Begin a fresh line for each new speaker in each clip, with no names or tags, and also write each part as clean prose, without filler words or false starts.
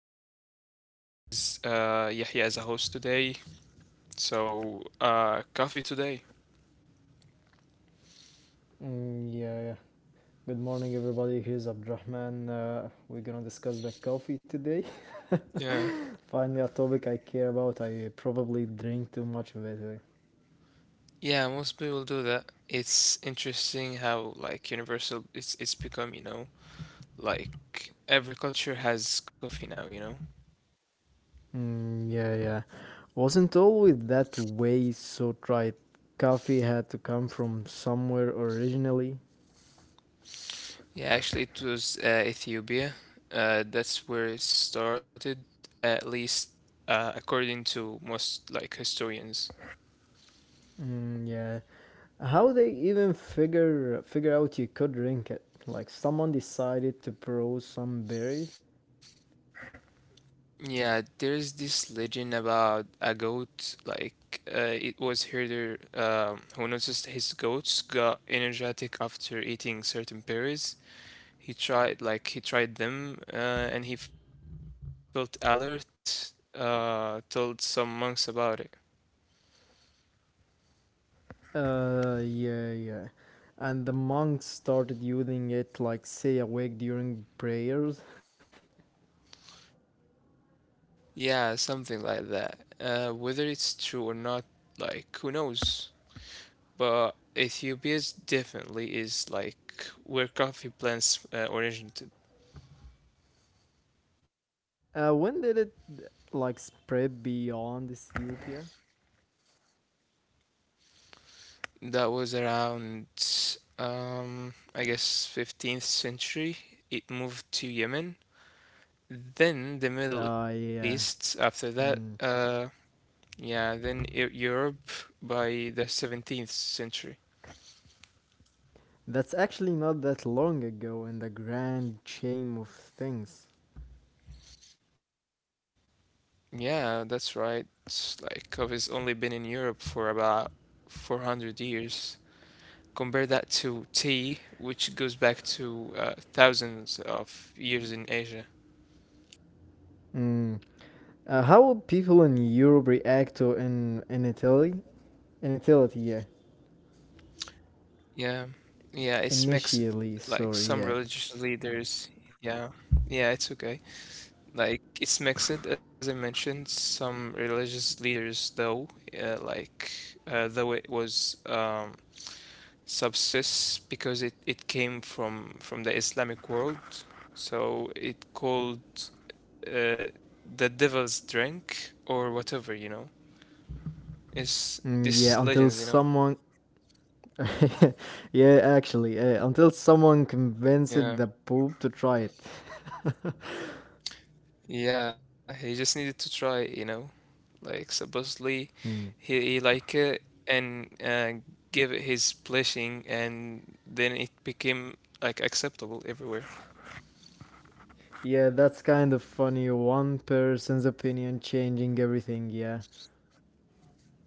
to another episode. This is Yahya as a host today. So, coffee today.
Mm, yeah, yeah. Good morning, everybody. Here's Abdurrahman. We're gonna discuss the coffee today.
Yeah.
Finally, a topic I care about. I probably drink too much of it, eh?
Yeah, most people do that. It's interesting how universal it's become, like every culture has coffee now.
Mm, yeah, yeah. Wasn't always that way, so tried. Coffee had to come from somewhere originally.
Yeah, actually it was Ethiopia. That's where it started, at least, according to most historians.
Mm, yeah. How they even figure out you could drink it? Like someone decided to brew some berries.
Yeah, there's this legend about a goat. It was herder who noticed his goats got energetic after eating certain berries. He tried them, and he felt alert. Told some monks about it.
Uh, yeah, yeah. And the monks started using it like stay awake during prayers.
Yeah, something like that. Whether it's true or not, like, who knows? But Ethiopia's definitely is like where coffee plants originated.
When did it like spread beyond Ethiopia?
That was around, I guess, 15th century. It moved to Yemen, then
Uh,
the Middle
yeah.
East. After
Hmm.
that, uh, yeah, then Eu- Europe by the 17th century.
That's actually not that long ago in the grand chain of things.
Yeah, that's right. Coffee's only been in Europe for about 400 years. Compare that to tea, which goes back to thousands of years in Asia.
Mm. How would people in Europe react to in Italy? In Italy, yeah.
Yeah, yeah, it's mixed.
Initially,
Like
sorry,
some
yeah.
religious leaders, yeah, yeah, it's okay. Like it's mixed, as I mentioned. Some religious leaders, though, uh, like though it was, subsists because it came from the Islamic world, so it called uh, the devil's drink or whatever. It's
Mm, yeah,
these
until
legends, you know.
someone yeah, actually, until someone convinced the
Yeah.
Pope to try it.
Yeah, he just needed to try it. Like, supposedly
Hmm.
he like it and, give it his blessing, and then it became like acceptable everywhere.
Yeah, that's kind of funny. One person's opinion changing everything, yeah.
Yeah.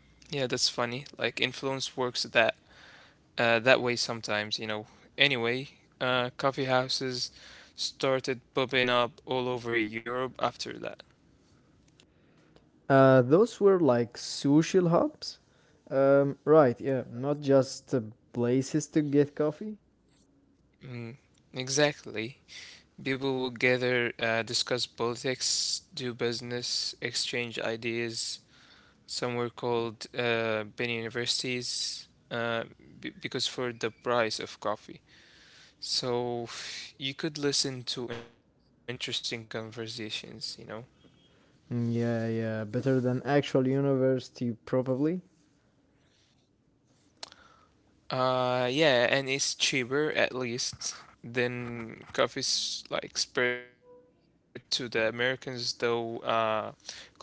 Yeah, that's funny. Like influence works that way sometimes. Anyway, coffee houses started popping up all over Europe after that.
Those were like social hubs? Right, yeah, not just places to get coffee.
Mm, exactly. People will gather, discuss politics, do business, exchange ideas. Some were called Bin Universities, because for the price of coffee. So you could listen to interesting conversations.
Mm, yeah, yeah, better than actual university, probably.
Yeah, and it's cheaper, at least than coffee's like spread to the Americans though colonization,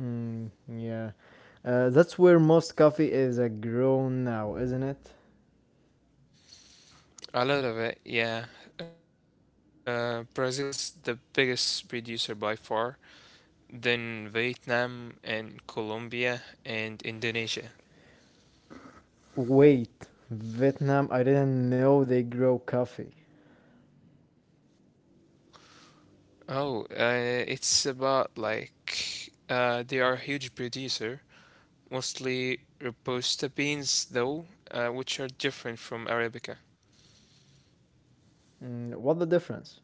Mm, yeah. That's where most coffee is grown now, isn't it?
A lot of it, yeah. Brazil's the biggest producer by far, then Vietnam and Colombia and Indonesia.
Wait, Vietnam, I didn't know they grow coffee.
Oh, it's about like They are a huge producer, mostly Robusta beans though, which are different from Arabica.
Mm, what the difference?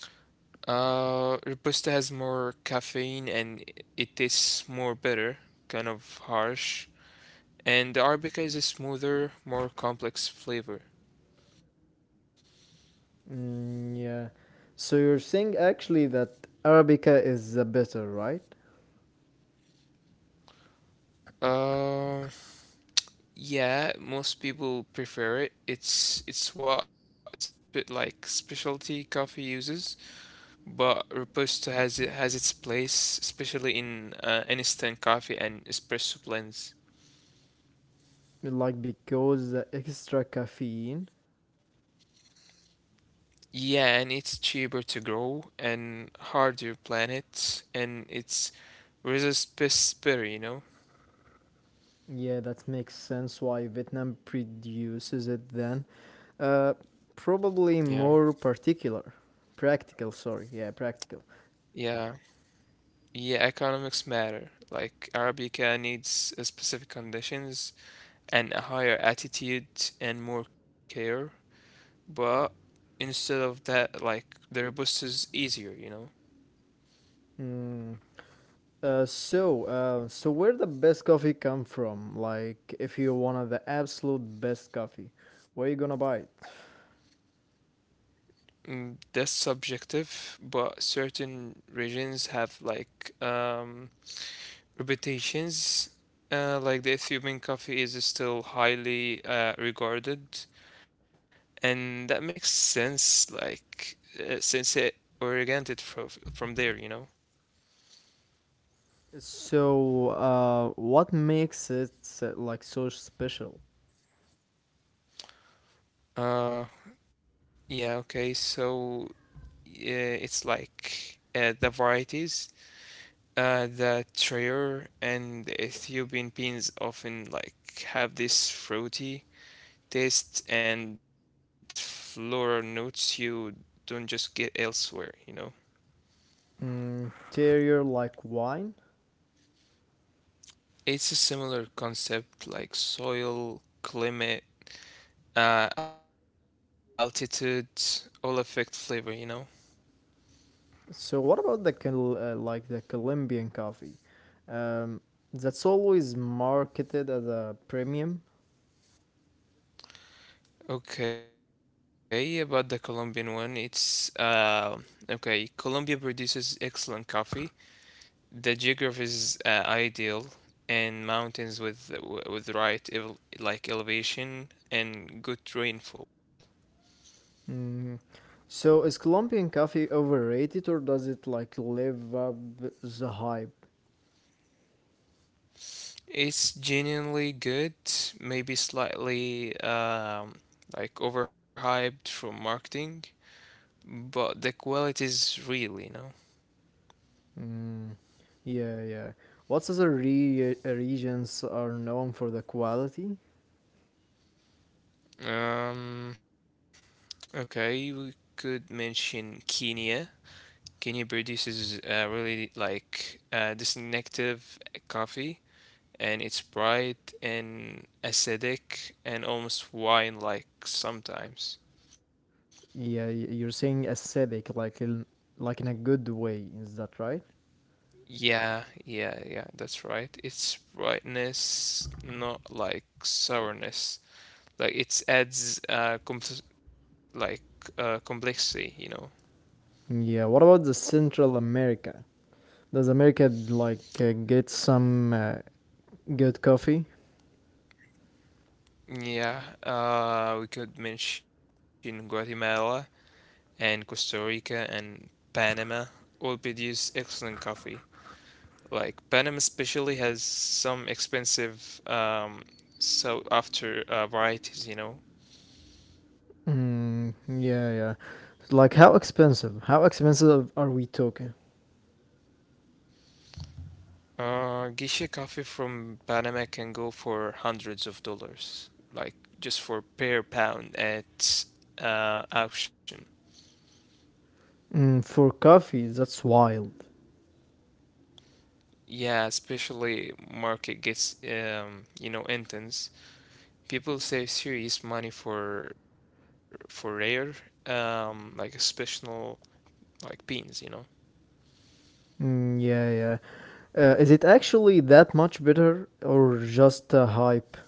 Robusta has more caffeine and it tastes more bitter, kind of harsh. And the Arabica is a smoother, more complex flavor.
Yeah. So you're saying actually that Arabica is the better, right?
Uh, yeah, most people prefer it. It's what specialty coffee uses, but Robusta has its place, especially in instant coffee and espresso blends.
Like because the extra caffeine.
Yeah, and it's cheaper to grow and harder planet, and it's resist pest spray, you know?
Yeah, that makes sense why Vietnam produces it then. Uh, probably
Yeah,
more particular. Practical, sorry. Yeah, practical.
yeah. Yeah, economics matter. Like Arabica needs specific conditions and a higher attitude and more care, but instead of that, like, the Robusta is easier, you know?
Mm, so where the best coffee come from? Like, if you wanted the absolute best coffee, where you gonna buy it?
Mm, that's subjective, but certain regions have like, reputations. Like the Ethiopian coffee is still highly regarded, and that makes sense, like, since it originated from there, you know?
So what makes it like so special?
Uh, yeah, okay. So uh, it's like The varieties, the Treyer and the Ethiopian beans often like have this fruity taste and floral notes you don't just get elsewhere.
Mm, Interior like wine.
It's a similar concept, like soil, climate, altitude, all affect flavor.
So, what about the like the Colombian coffee? Um, that's always marketed as a premium.
Okay, about the Colombian one, it's, okay. Colombia produces excellent coffee. The geography is ideal, and mountains with right ev like elevation and good rainfall.
Mm. So, is Colombian coffee overrated or does it like live up the hype?
It's genuinely good, maybe slightly, like, overhyped from marketing, but the quality is real.
Mm, yeah, yeah. What other regions are known for the quality?
Um, okay, we could mention Kenya. Kenya produces really like distinctive coffee, and it's bright and acidic and almost wine-like sometimes.
Yeah, you're saying aesthetic, like in a good way. Is that right?
Yeah, yeah, yeah, that's right. It's brightness, not like sourness. Like it adds complexity, you know.
Yeah. What about the Central America? Does America like get some good coffee?
Yeah, we could mention Guatemala and Costa Rica and Panama, all produce excellent coffee. Like Panem especially has some expensive, sought after, varieties, you know.
Mm, yeah, yeah. Like how expensive? How expensive are we talking?
Geisha coffee from Panama can go for hundreds of dollars, like just for per pound at, auction.
Mm, for coffee, that's wild.
Yeah, especially market gets, you know, intense. People save serious money for rare, special, like beans, you know.
Mm, yeah, yeah. Is it actually that much better or just a hype?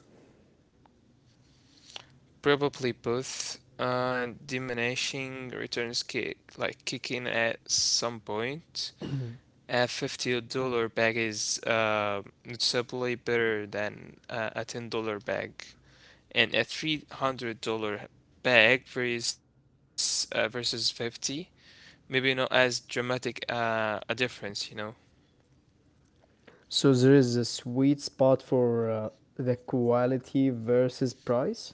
Probably both. Diminishing returns kicking at some point. A $50 bag is noticeably better than a $10 bag, and a $300 bag versus 50, maybe not as dramatic a difference, you know.
So there is a sweet spot for the quality versus price?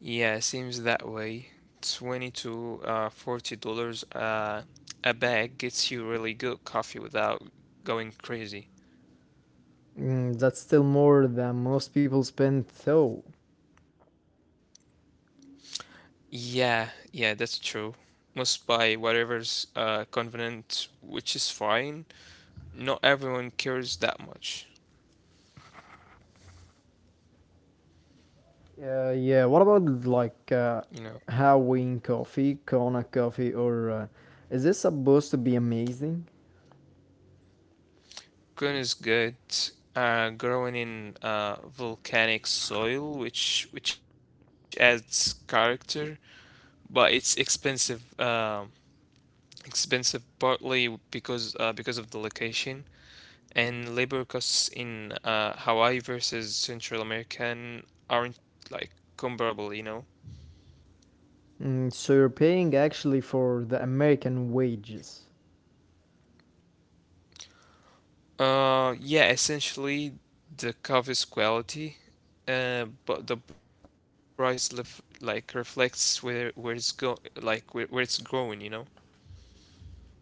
Yeah, it seems that way. 20 to $40 a bag gets you really good coffee without going crazy.
Mm, that's still more than most people spend, though.
Yeah, yeah, that's true. Must buy whatever's convenient, which is fine. Not everyone cares that much,
Yeah, what about like
you know.
Hawaiian coffee, Kona coffee, or is this supposed to be amazing?
Kun is good, growing in volcanic soil, which adds character, but it's expensive partly because of the location, and labor costs in Hawaii versus Central American aren't like comparable, you know.
Mm, so you're paying actually for the American wages.
Yeah, essentially the covers quality, but the price lef like reflects where it's growing, you know.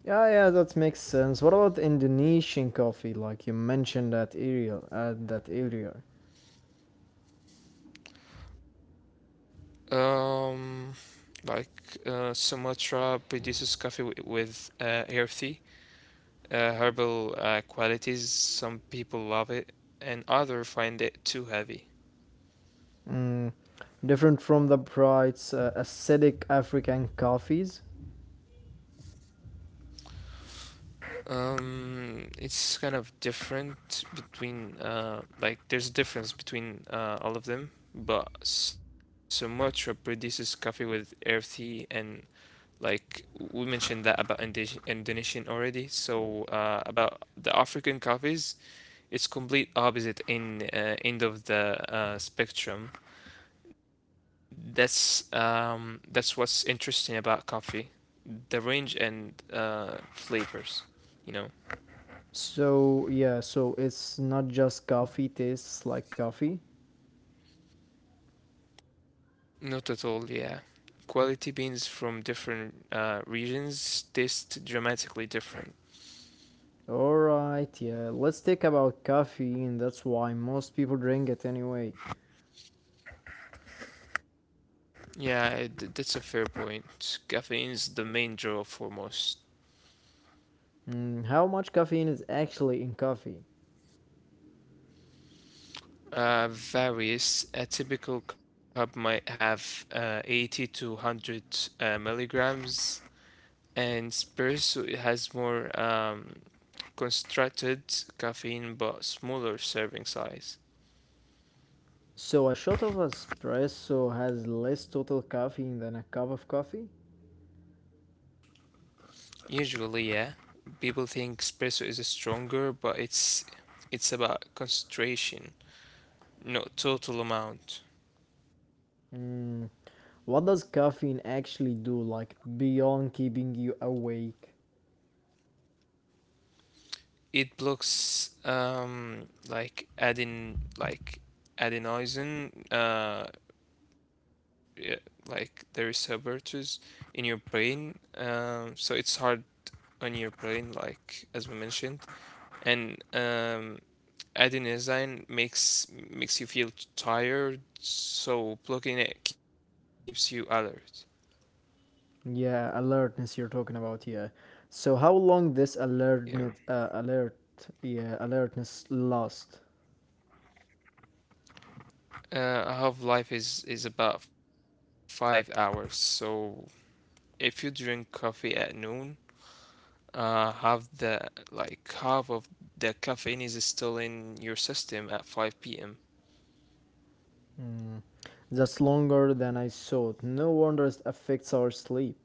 Yeah, yeah, that makes sense. What about Indonesian coffee? Like you mentioned that area, that area.
Um, Sumatra produces coffee w with earthy, herbal, qualities. Some people love it, and others find it too heavy.
Mm, different from the bright, acidic African coffees.
It's kind of different between, there's a difference between all of them, but Sumatra produces coffee with earthy and, like, we mentioned that about Indonesian already. So, about the African coffees, it's complete opposite in end of the spectrum. That's what's interesting about coffee, the range and flavors, you know.
So yeah, so it's not just coffee tastes like coffee.
Not at all, yeah. Quality beans from different regions taste dramatically different.
All right, yeah. Let's talk about caffeine. That's why most people drink it anyway.
Yeah, that's a fair point. Caffeine's the main draw for most.
Mm, how much caffeine is actually in coffee?
Varies. A typical cup might have 80 to 100 milligrams, and espresso it has more. Constructed caffeine but smaller serving size.
So a shot of espresso has less total caffeine than a cup of coffee.
Usually, yeah. People think espresso is stronger, but it's about concentration, not total amount.
Mm, what does caffeine actually do, like beyond keeping you awake?
It blocks adenosine, yeah, the receptors in your brain. So it's hard on your brain, like as we mentioned, and adenosine makes you feel tired, so blocking it keeps you alert.
Yeah, alertness you're talking about. Yeah. So how long this
Yeah.
alertness, yeah, alertness last?
Half life is about 5 hours. So if you drink coffee at noon, uh, half the half of the caffeine is still in your system at 5 p.m.
That's longer than I thought. No wonder it affects our sleep.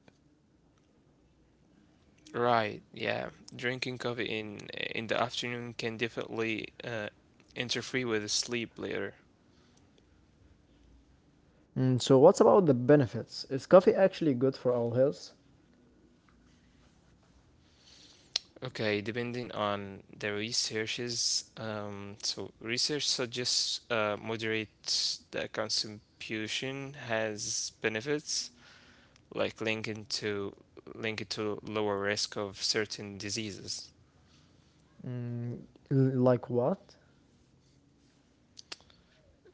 Right. Yeah. Drinking coffee in the afternoon can definitely interfere with sleep later.
So what's about the benefits? Is coffee actually good for our health?
Okay, depending on the researches, so research suggests moderate the consumption has benefits, like linking to link it to lower risk of certain diseases.
Mm, like what?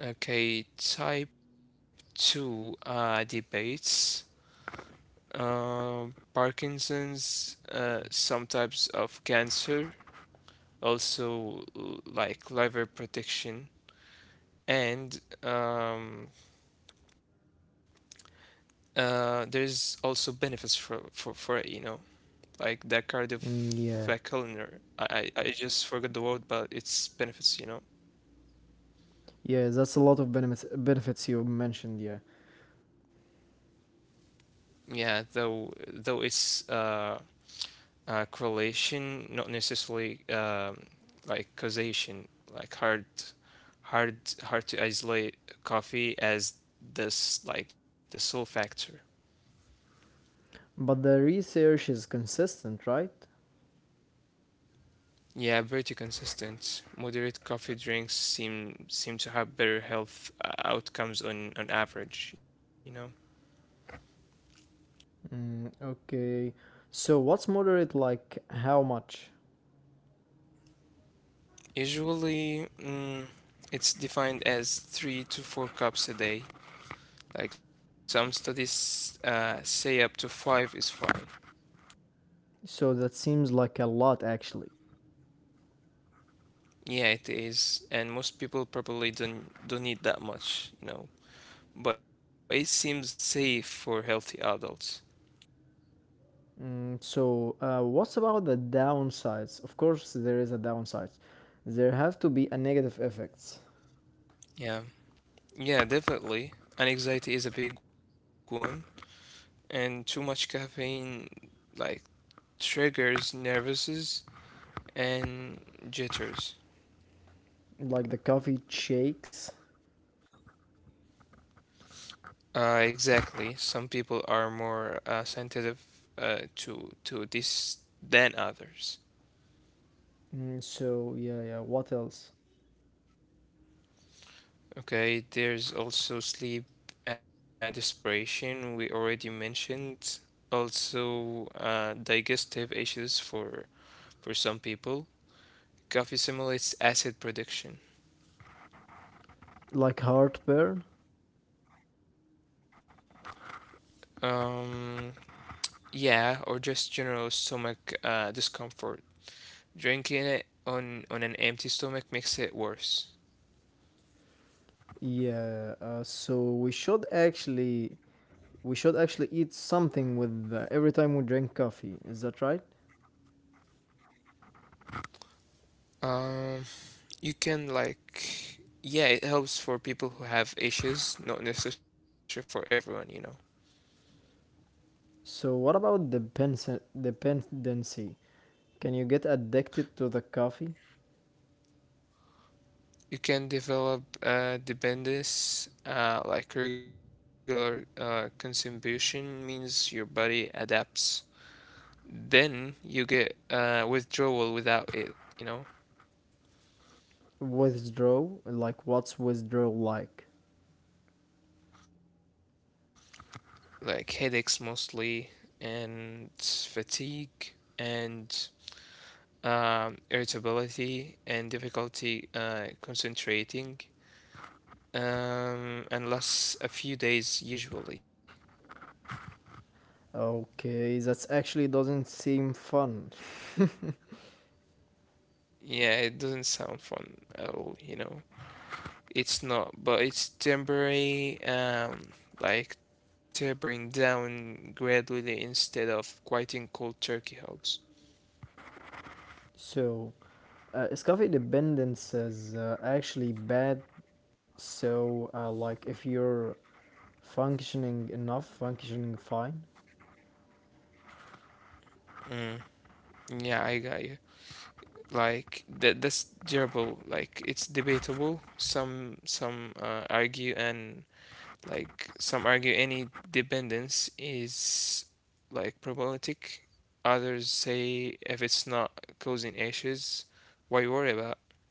Okay, type 2 debates. Uh, Parkinson's, some types of cancer, also, liver protection and, there's also benefits for it, you know, like the
Mm, yeah,
cardiovascular. I just forgot the word, but it's benefits.
yeah, that's a lot of benefits you mentioned. Yeah,
Yeah, though it's, correlation, not necessarily, causation, like hard to isolate coffee as this like the sole factor.
But the research is consistent, right?
Yeah, pretty consistent. Moderate coffee drinks seem to have better health outcomes on average, you know.
Mm, okay. So what's moderate like how much?
Usually, it's defined as 3 to 4 cups a day. Like some studies say up to 5 is fine.
So that seems like a lot actually.
Yeah, it is, and most people probably don't need that much, you know. But it seems safe for healthy adults.
So what's about the downsides? Of course there is a downside. There have to be a negative effects
Yeah, yeah, definitely. And anxiety is a big one, and too much caffeine, like, triggers nervouses and jitters.
like the coffee shakes.
Exactly. Some people are more sensitive, to this than others.
Mm, so yeah, yeah, what else?
Okay. There's also sleep, desperation. We already mentioned. Also, digestive issues for some people. Coffee simulates acid production.
Like heartburn?
Um, yeah, or just general stomach discomfort. Drinking it on an empty stomach makes it worse.
Yeah, so we should actually we should actually eat something with every time we drink coffee. Is that right?
Um, you can, like, yeah, it helps for people who have issues, not necessary for everyone, you know.
So what about dependency? Can you get addicted to the coffee?
You can develop dependence, like regular consumption means your body adapts. Then you get withdrawal without it, you know,
Withdraw? Like what's withdrawal like?
like headaches mostly, and fatigue, and, irritability, and difficulty concentrating, and lasts a few days usually.
Okay, that actually doesn't seem fun.
Yeah, it doesn't sound fun at all. It's not, but it's temporary, like tapering down gradually instead of quitting cold turkey helps.
so, is coffee dependence is actually bad? So, like if you're functioning fine.
Mm, yeah, I got you. Like that, that's durable. Like It's debatable. Some argue any dependence is like problematic. Others say if it's not causing issues, why worry about?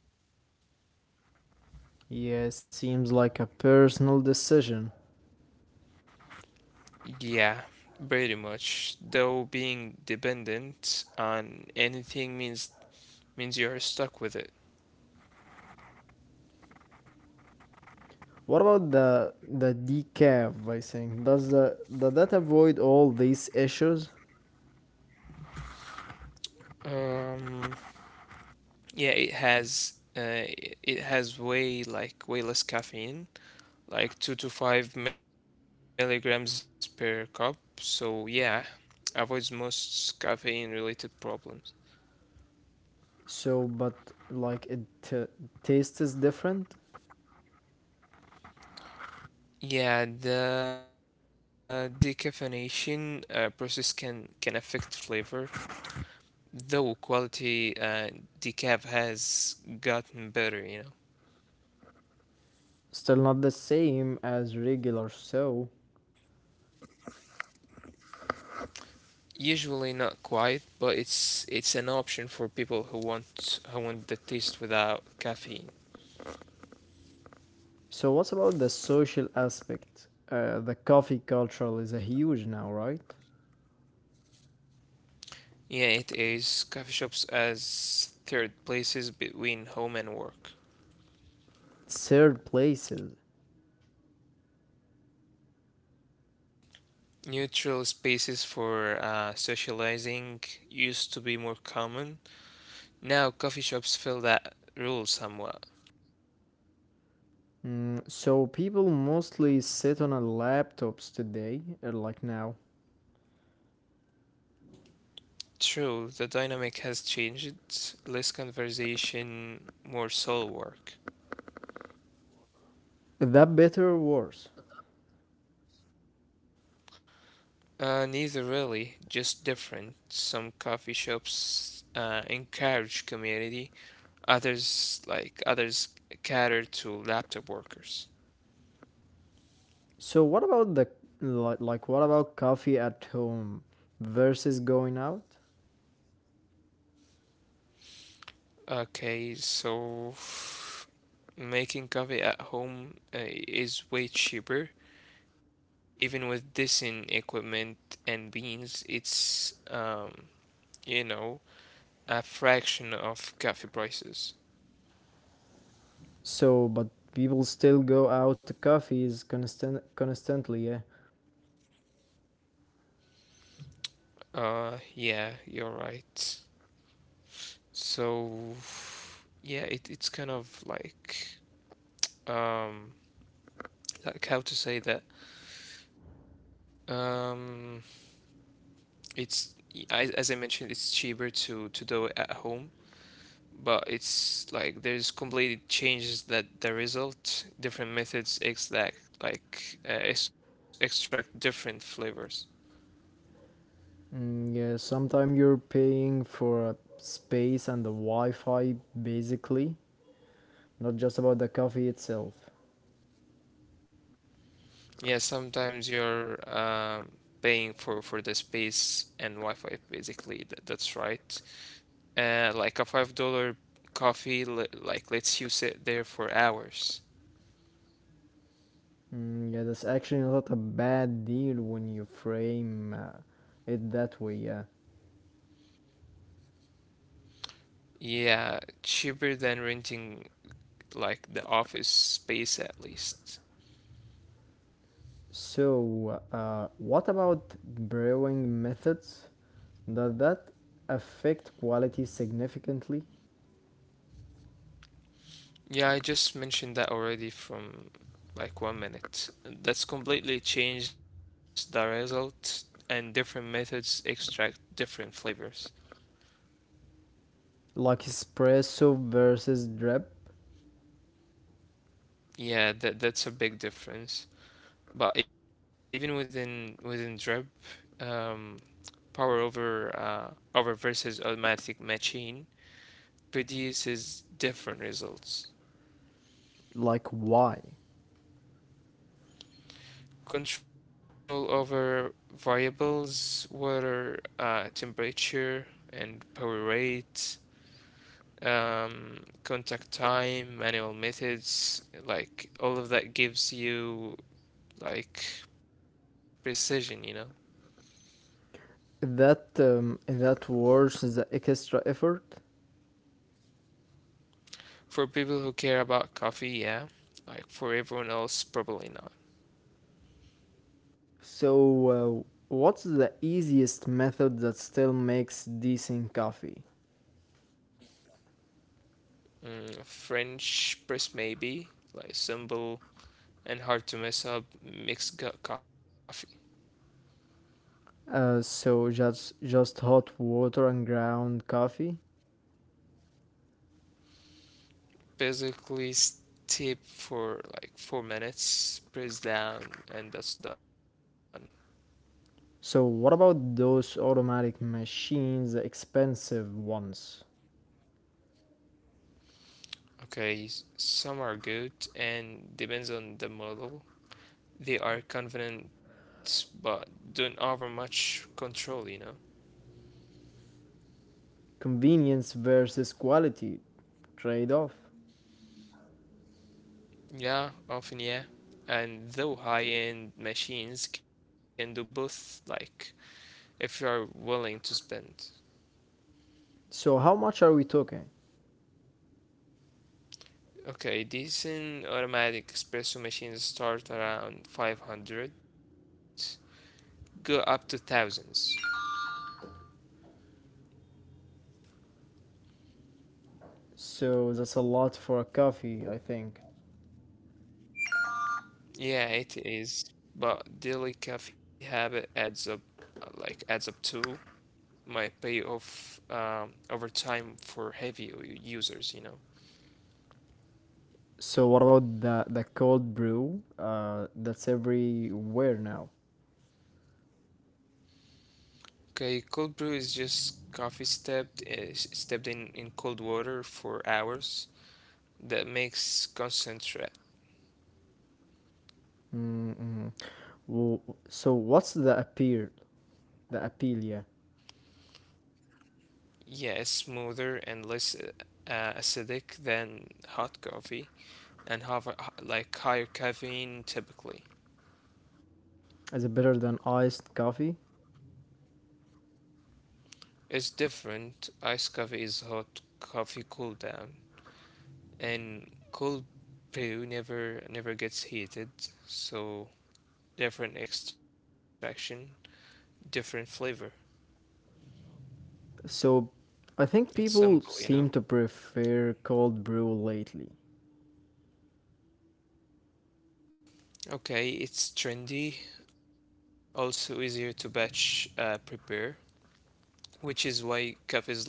Yeah, seems like a personal decision.
Yeah, pretty much. Though being dependent on anything means you're stuck with it.
What about the decaf I think Does the does that avoid all these issues?
Um, yeah, it has, way less caffeine, like 2 to 5 milligrams per cup. So yeah, avoids most caffeine-related problems.
So, but like taste is different,
Yeah, the decaffeination process can affect flavor, though quality decaf has gotten better, you know.
still not the same as regular. So,
Usually not quite, but it's an option for people who want the taste without caffeine.
so what about the social aspect? The coffee culture is a huge now, right?
Yeah, it is coffee shops as third places between home and work.
Third places.
Neutral spaces for socializing used to be more common. Now coffee shops fill that role somewhat.
Mm, so people mostly sit on a laptops today, like now.
True, the dynamic has changed. Less conversation, more soul work.
Is that better or worse?
Neither really, just different. Some coffee shops encourage community, others cater to laptop workers.
So what about the like what about coffee at home versus going out?
Okay, so making coffee at home is way cheaper. Even with decent equipment and beans, it's you know, a fraction of coffee prices.
So but people still go out to coffees constantly, yeah.
Yeah, you're right. So yeah, it's kind of um, like how to say that. Um, it's as I mentioned, it's cheaper to do it at home but it's like there's completely changes that the result different methods exact like ex extract different flavors.
Mm, yeah, sometimes you're paying for a space and the Wi-Fi basically, not just about the coffee itself.
Yeah, sometimes you're paying for the space and Wi-Fi basically. That's right. Like a $5 coffee like lets you sit there for hours.
Mm, yeah, that's actually not a bad deal when you frame it that way, yeah.
Yeah, cheaper than renting like the office space at least.
So, what about brewing methods? Does that affect quality significantly?
Yeah, I just mentioned that already from like 1 minute. That's completely changed the result, and different methods extract different flavors.
Like espresso versus drip?
Yeah, that's a big difference. But even within drip, um, power over over versus automatic machine produces different results.
Like why?
Control over variables, water, temperature, and power rate, um, contact time, manual methods, like all of that gives you like precision, you know.
That that worsens the extra effort.
For people who care about coffee, yeah. Like for everyone else, probably not.
So uh, what's the easiest method that still makes decent coffee?
Mm, French press maybe, like simple and hard to mess up mixed gut coffee.
So just hot water and ground coffee.
Basically, steep for like 4 minutes, press down, and that's done.
So what about those automatic machines, the expensive ones?
Okay, some are good and depends on the model. They are confident but don't offer much control, you know?
Convenience versus quality trade-off.
Yeah, often, yeah. And though high end machines can do both, like, if you are willing to spend.
So how much are we talking?
Okay, decent automatic espresso machines start around 500, go up to thousands.
So that's a lot for a coffee, I think.
Yeah, it is, but daily coffee habit adds up, like, adds up to my payoff over time for heavy users, you know.
So what about the cold brew? That's everywhere now.
Okay, cold brew is just coffee steeped steeped in cold water for hours. That makes concentrate.
Mm-hmm. So what's the appeal? The appeal, yeah.
Yeah, it's smoother and less acidic than hot coffee, and have a, like higher caffeine typically.
Is it better than iced coffee?
It's different. Iced coffee is hot coffee cool down, and cold brew never gets heated, so different extraction, different flavor.
So I think
It's
people
simple, you
seem to
know.
prefer cold brew lately.
Okay, it's trendy, also easier to batch prepare, which is why cafes like it.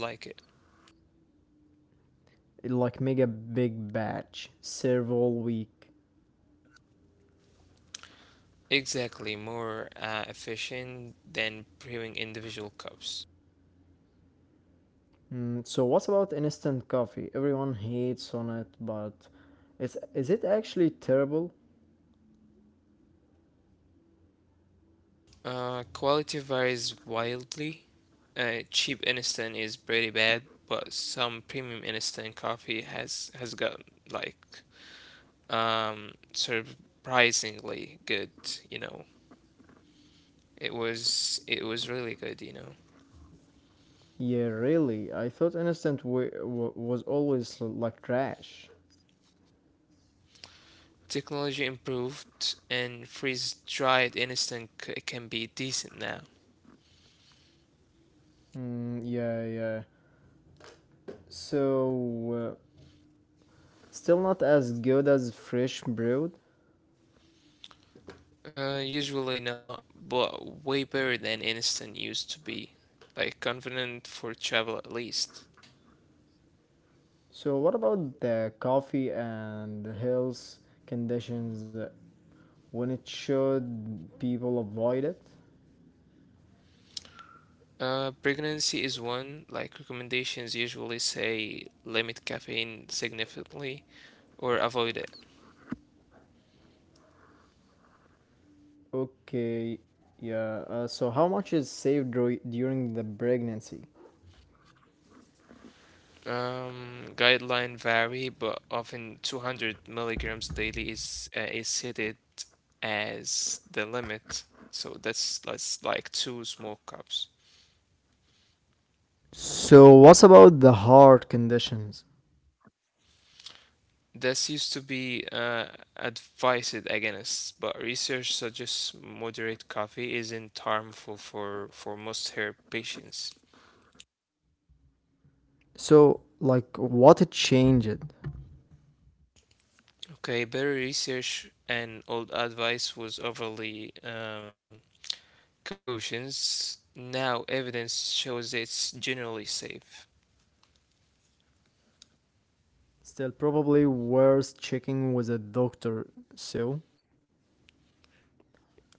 It, Like make a big batch, serve all week.
Exactly, more efficient than brewing individual cups.
So what about instant coffee? Everyone hates on it, but it's is it actually terrible?
Quality varies wildly. Cheap instant is pretty bad, but some premium instant coffee has gotten like surprisingly good, you know. It was really good, you know.
Yeah, really. I thought instant was always like trash.
Technology improved and freeze dried instant can be decent now.
Mm, yeah, yeah. So still not as good as fresh brewed.
Usually not, but way better than instant used to be. Like convenient for travel at least.
So what about the coffee and health conditions when it should people avoid it?
Pregnancy is one. Like recommendations usually say limit caffeine significantly or avoid it.
Okay, yeah. So how much is saved during the pregnancy?
Guideline vary, but often 200 milligrams daily is cited as the limit. So that's like two small cups.
So, what's about the heart conditions?
This used to be advised against, but research suggests moderate coffee isn't harmful for most her patients.
So, like, what it changed?
Okay, better research and old advice was overly cautions. Now, evidence shows it's generally safe.
Still, probably worth checking with a doctor. So,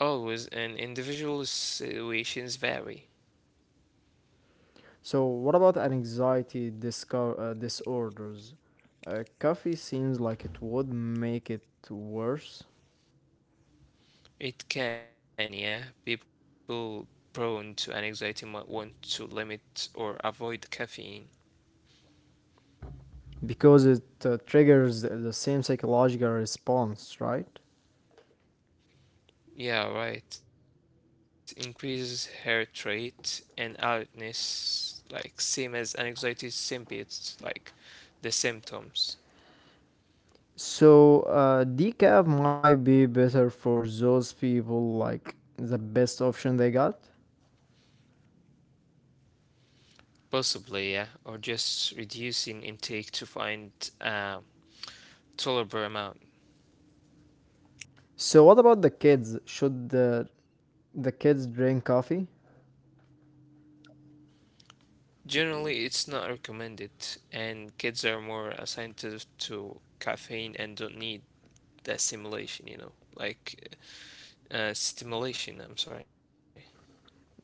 Always, and individual situations vary.
so what about an anxiety disorders? Coffee seems like it would make it worse
It can, yeah. People prone to anxiety might want to limit or avoid caffeine.
because it triggers the same psychological response, right?
Yeah, right. Increases heart rate and alertness, like same as anxiety symptoms, like the symptoms.
So, decaf might be better for those people, like the best option they got.
Possibly, yeah, or just reducing intake to find a tolerable amount.
So, what about the kids? Should the kids drink coffee?
Generally, it's not recommended, and kids are more sensitive to caffeine and don't need that stimulation, you know, like stimulation, I'm sorry.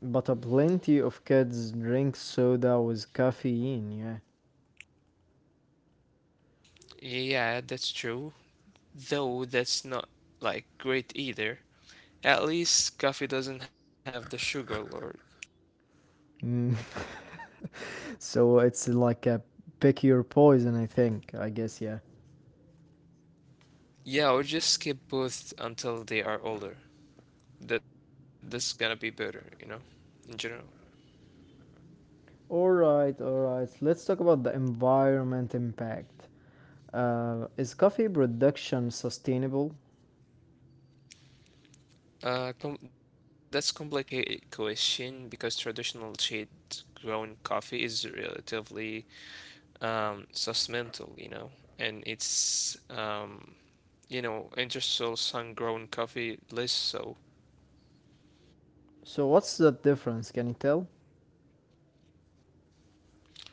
But a plenty of kids drink soda with caffeine, yeah.
Yeah, that's true. Though that's not like great either. At least coffee doesn't have the sugar load.
Mm. so, it's like a pick your poison, I guess, yeah.
Yeah, or just skip both until they are older. That's gonna be better, you know, in general.
All right, all right. Let's talk about the environment impact. Is coffee production sustainable?
Com That's complicated question because traditional shade grown coffee is relatively sustainable, you know, and it's industrial sun grown coffee less so.
So, what's the difference? Can you tell?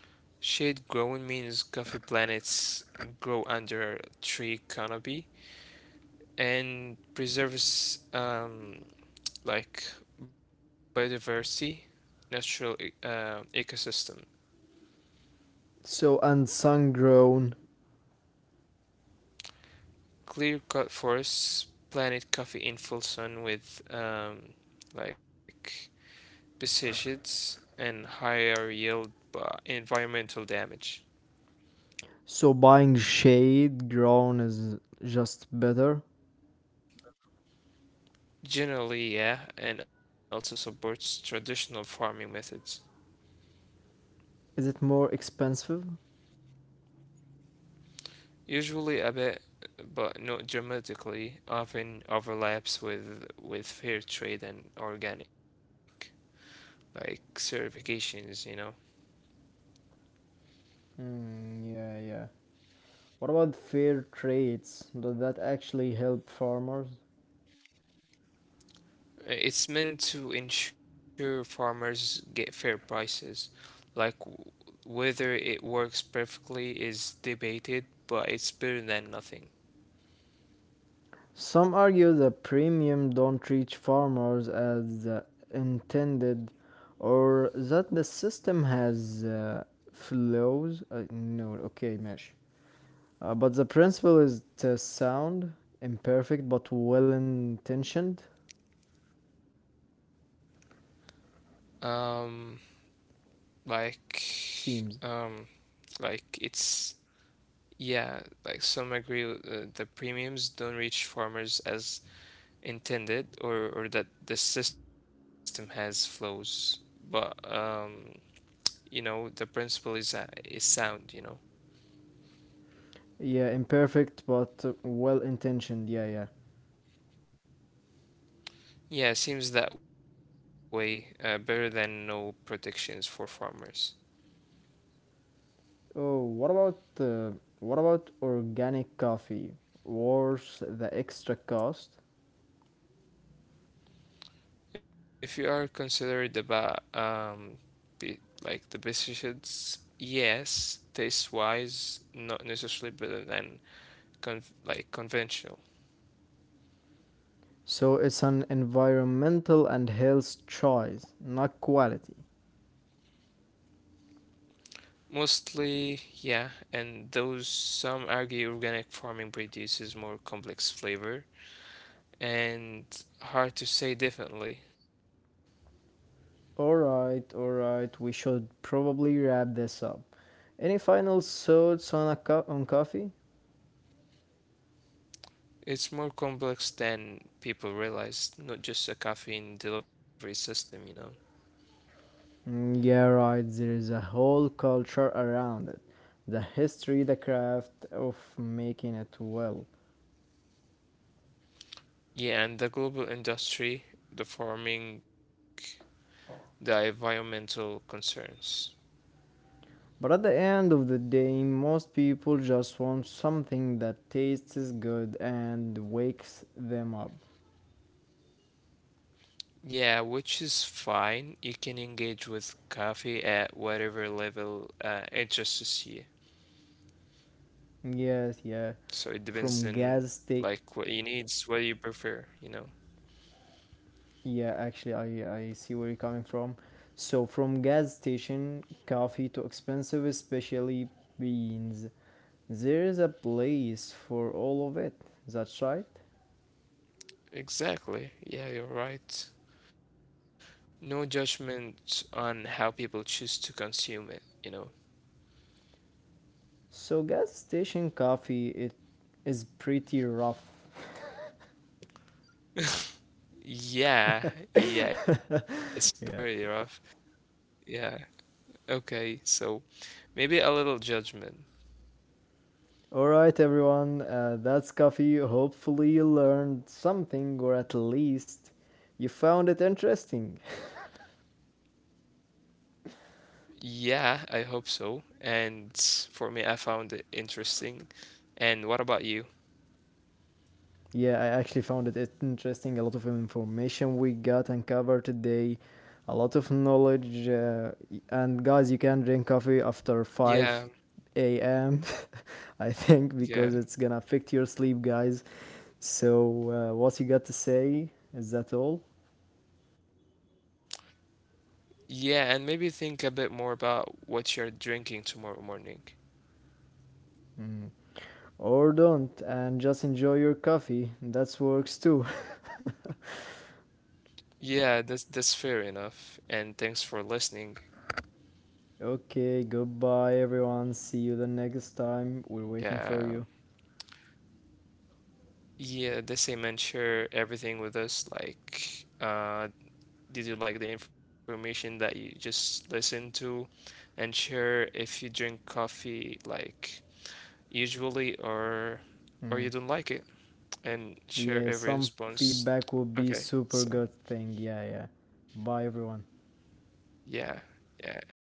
Shade growing means coffee plants grow under tree canopy and preserves like biodiversity, natural ecosystem.
So and sun grown.
Clear cut forests, planted coffee in full sun with like pesticides and higher yield but environmental damage.
So buying shade grown is just better.
Generally, yeah, and also supports traditional farming methods.
Is it more expensive?
Usually a bit, but not dramatically, often overlaps with fair trade and organic, like certifications, you know.
Mm, yeah, yeah. What about fair trades? Does that actually help farmers?
It's meant to ensure farmers get fair prices. Like w- Whether it works perfectly is debated, but it's better than nothing.
Some argue the premium don't reach farmers as intended, or that the system has flaws. No, okay, mesh. But the principle is sound, imperfect but well intentioned.
Um, like, um,
Seems.
like it's Yeah, like some agree with, the premiums don't reach farmers as intended, or that the system has flaws. But you know, the principle is sound. You know.
Yeah, imperfect but well intentioned. Yeah, yeah.
Yeah, seems that way, better than no protections for farmers.
Oh, what about organic coffee? Worth the extra cost?
If you are considered about be, like the pesticides, yes, taste wise, not necessarily better than conventional.
So it's an environmental and health choice, not quality.
Mostly, yeah, and those some argue organic farming produces more complex flavor and hard to say differently.
All right, all right. We should probably wrap this up. Any final thoughts on on coffee?
It's more complex than people realize, not just a caffeine delivery system, you know.
Mm, yeah, right. There is a whole culture around it, the history, the craft of making it well.
Yeah, and the global industry, the farming, the environmental concerns.
But at the end of the day, most people just want something that tastes good and wakes them up.
Yeah, which is fine. You can engage with coffee at whatever level interests you.
Yes, yeah.
So it depends
From
on
gas station.
like what you need, what you prefer, you know.
Yeah, actually, I see where you're coming from. So, from gas station coffee to expensive, especially beans, there is a place for all of it. That's right.
Exactly. Yeah, you're right. No judgment on how people choose to consume it, you know.
So, gas station coffee it is pretty rough.
Yeah, yeah, it's pretty rough.
yeah.
Yeah. Okay, so maybe a little judgment.
All right, everyone, that's coffee. Hopefully, you learned something, or at least you found it interesting.
Yeah, I hope so. And for me, I found it interesting. And what about you?
Yeah, I actually found it interesting. A lot of information we got and covered today, a lot of knowledge. And guys, you can drink coffee after
Yeah,
5 a.m., I think,
yeah.
because it's gonna affect your sleep, guys. So, what you got to say? Is that all?
Yeah, and maybe think a bit more about what you're drinking tomorrow morning.
Mm, Or don't, and just enjoy your coffee. That works too.
Yeah, that's fair enough. And thanks for listening.
okay, goodbye everyone. See you the next time. We're waiting for
Yeah.
you.
Yeah, the same and share everything with us. Like, did you like the information that you just listened to? And share if you drink coffee like usually or you
Mm.
don't like it. And share
Yeah,
every
some
response.
feedback would be
Okay,
super good
so
thing. Yeah, yeah. Bye everyone.
yeah, yeah, uh, yeah, goodbye.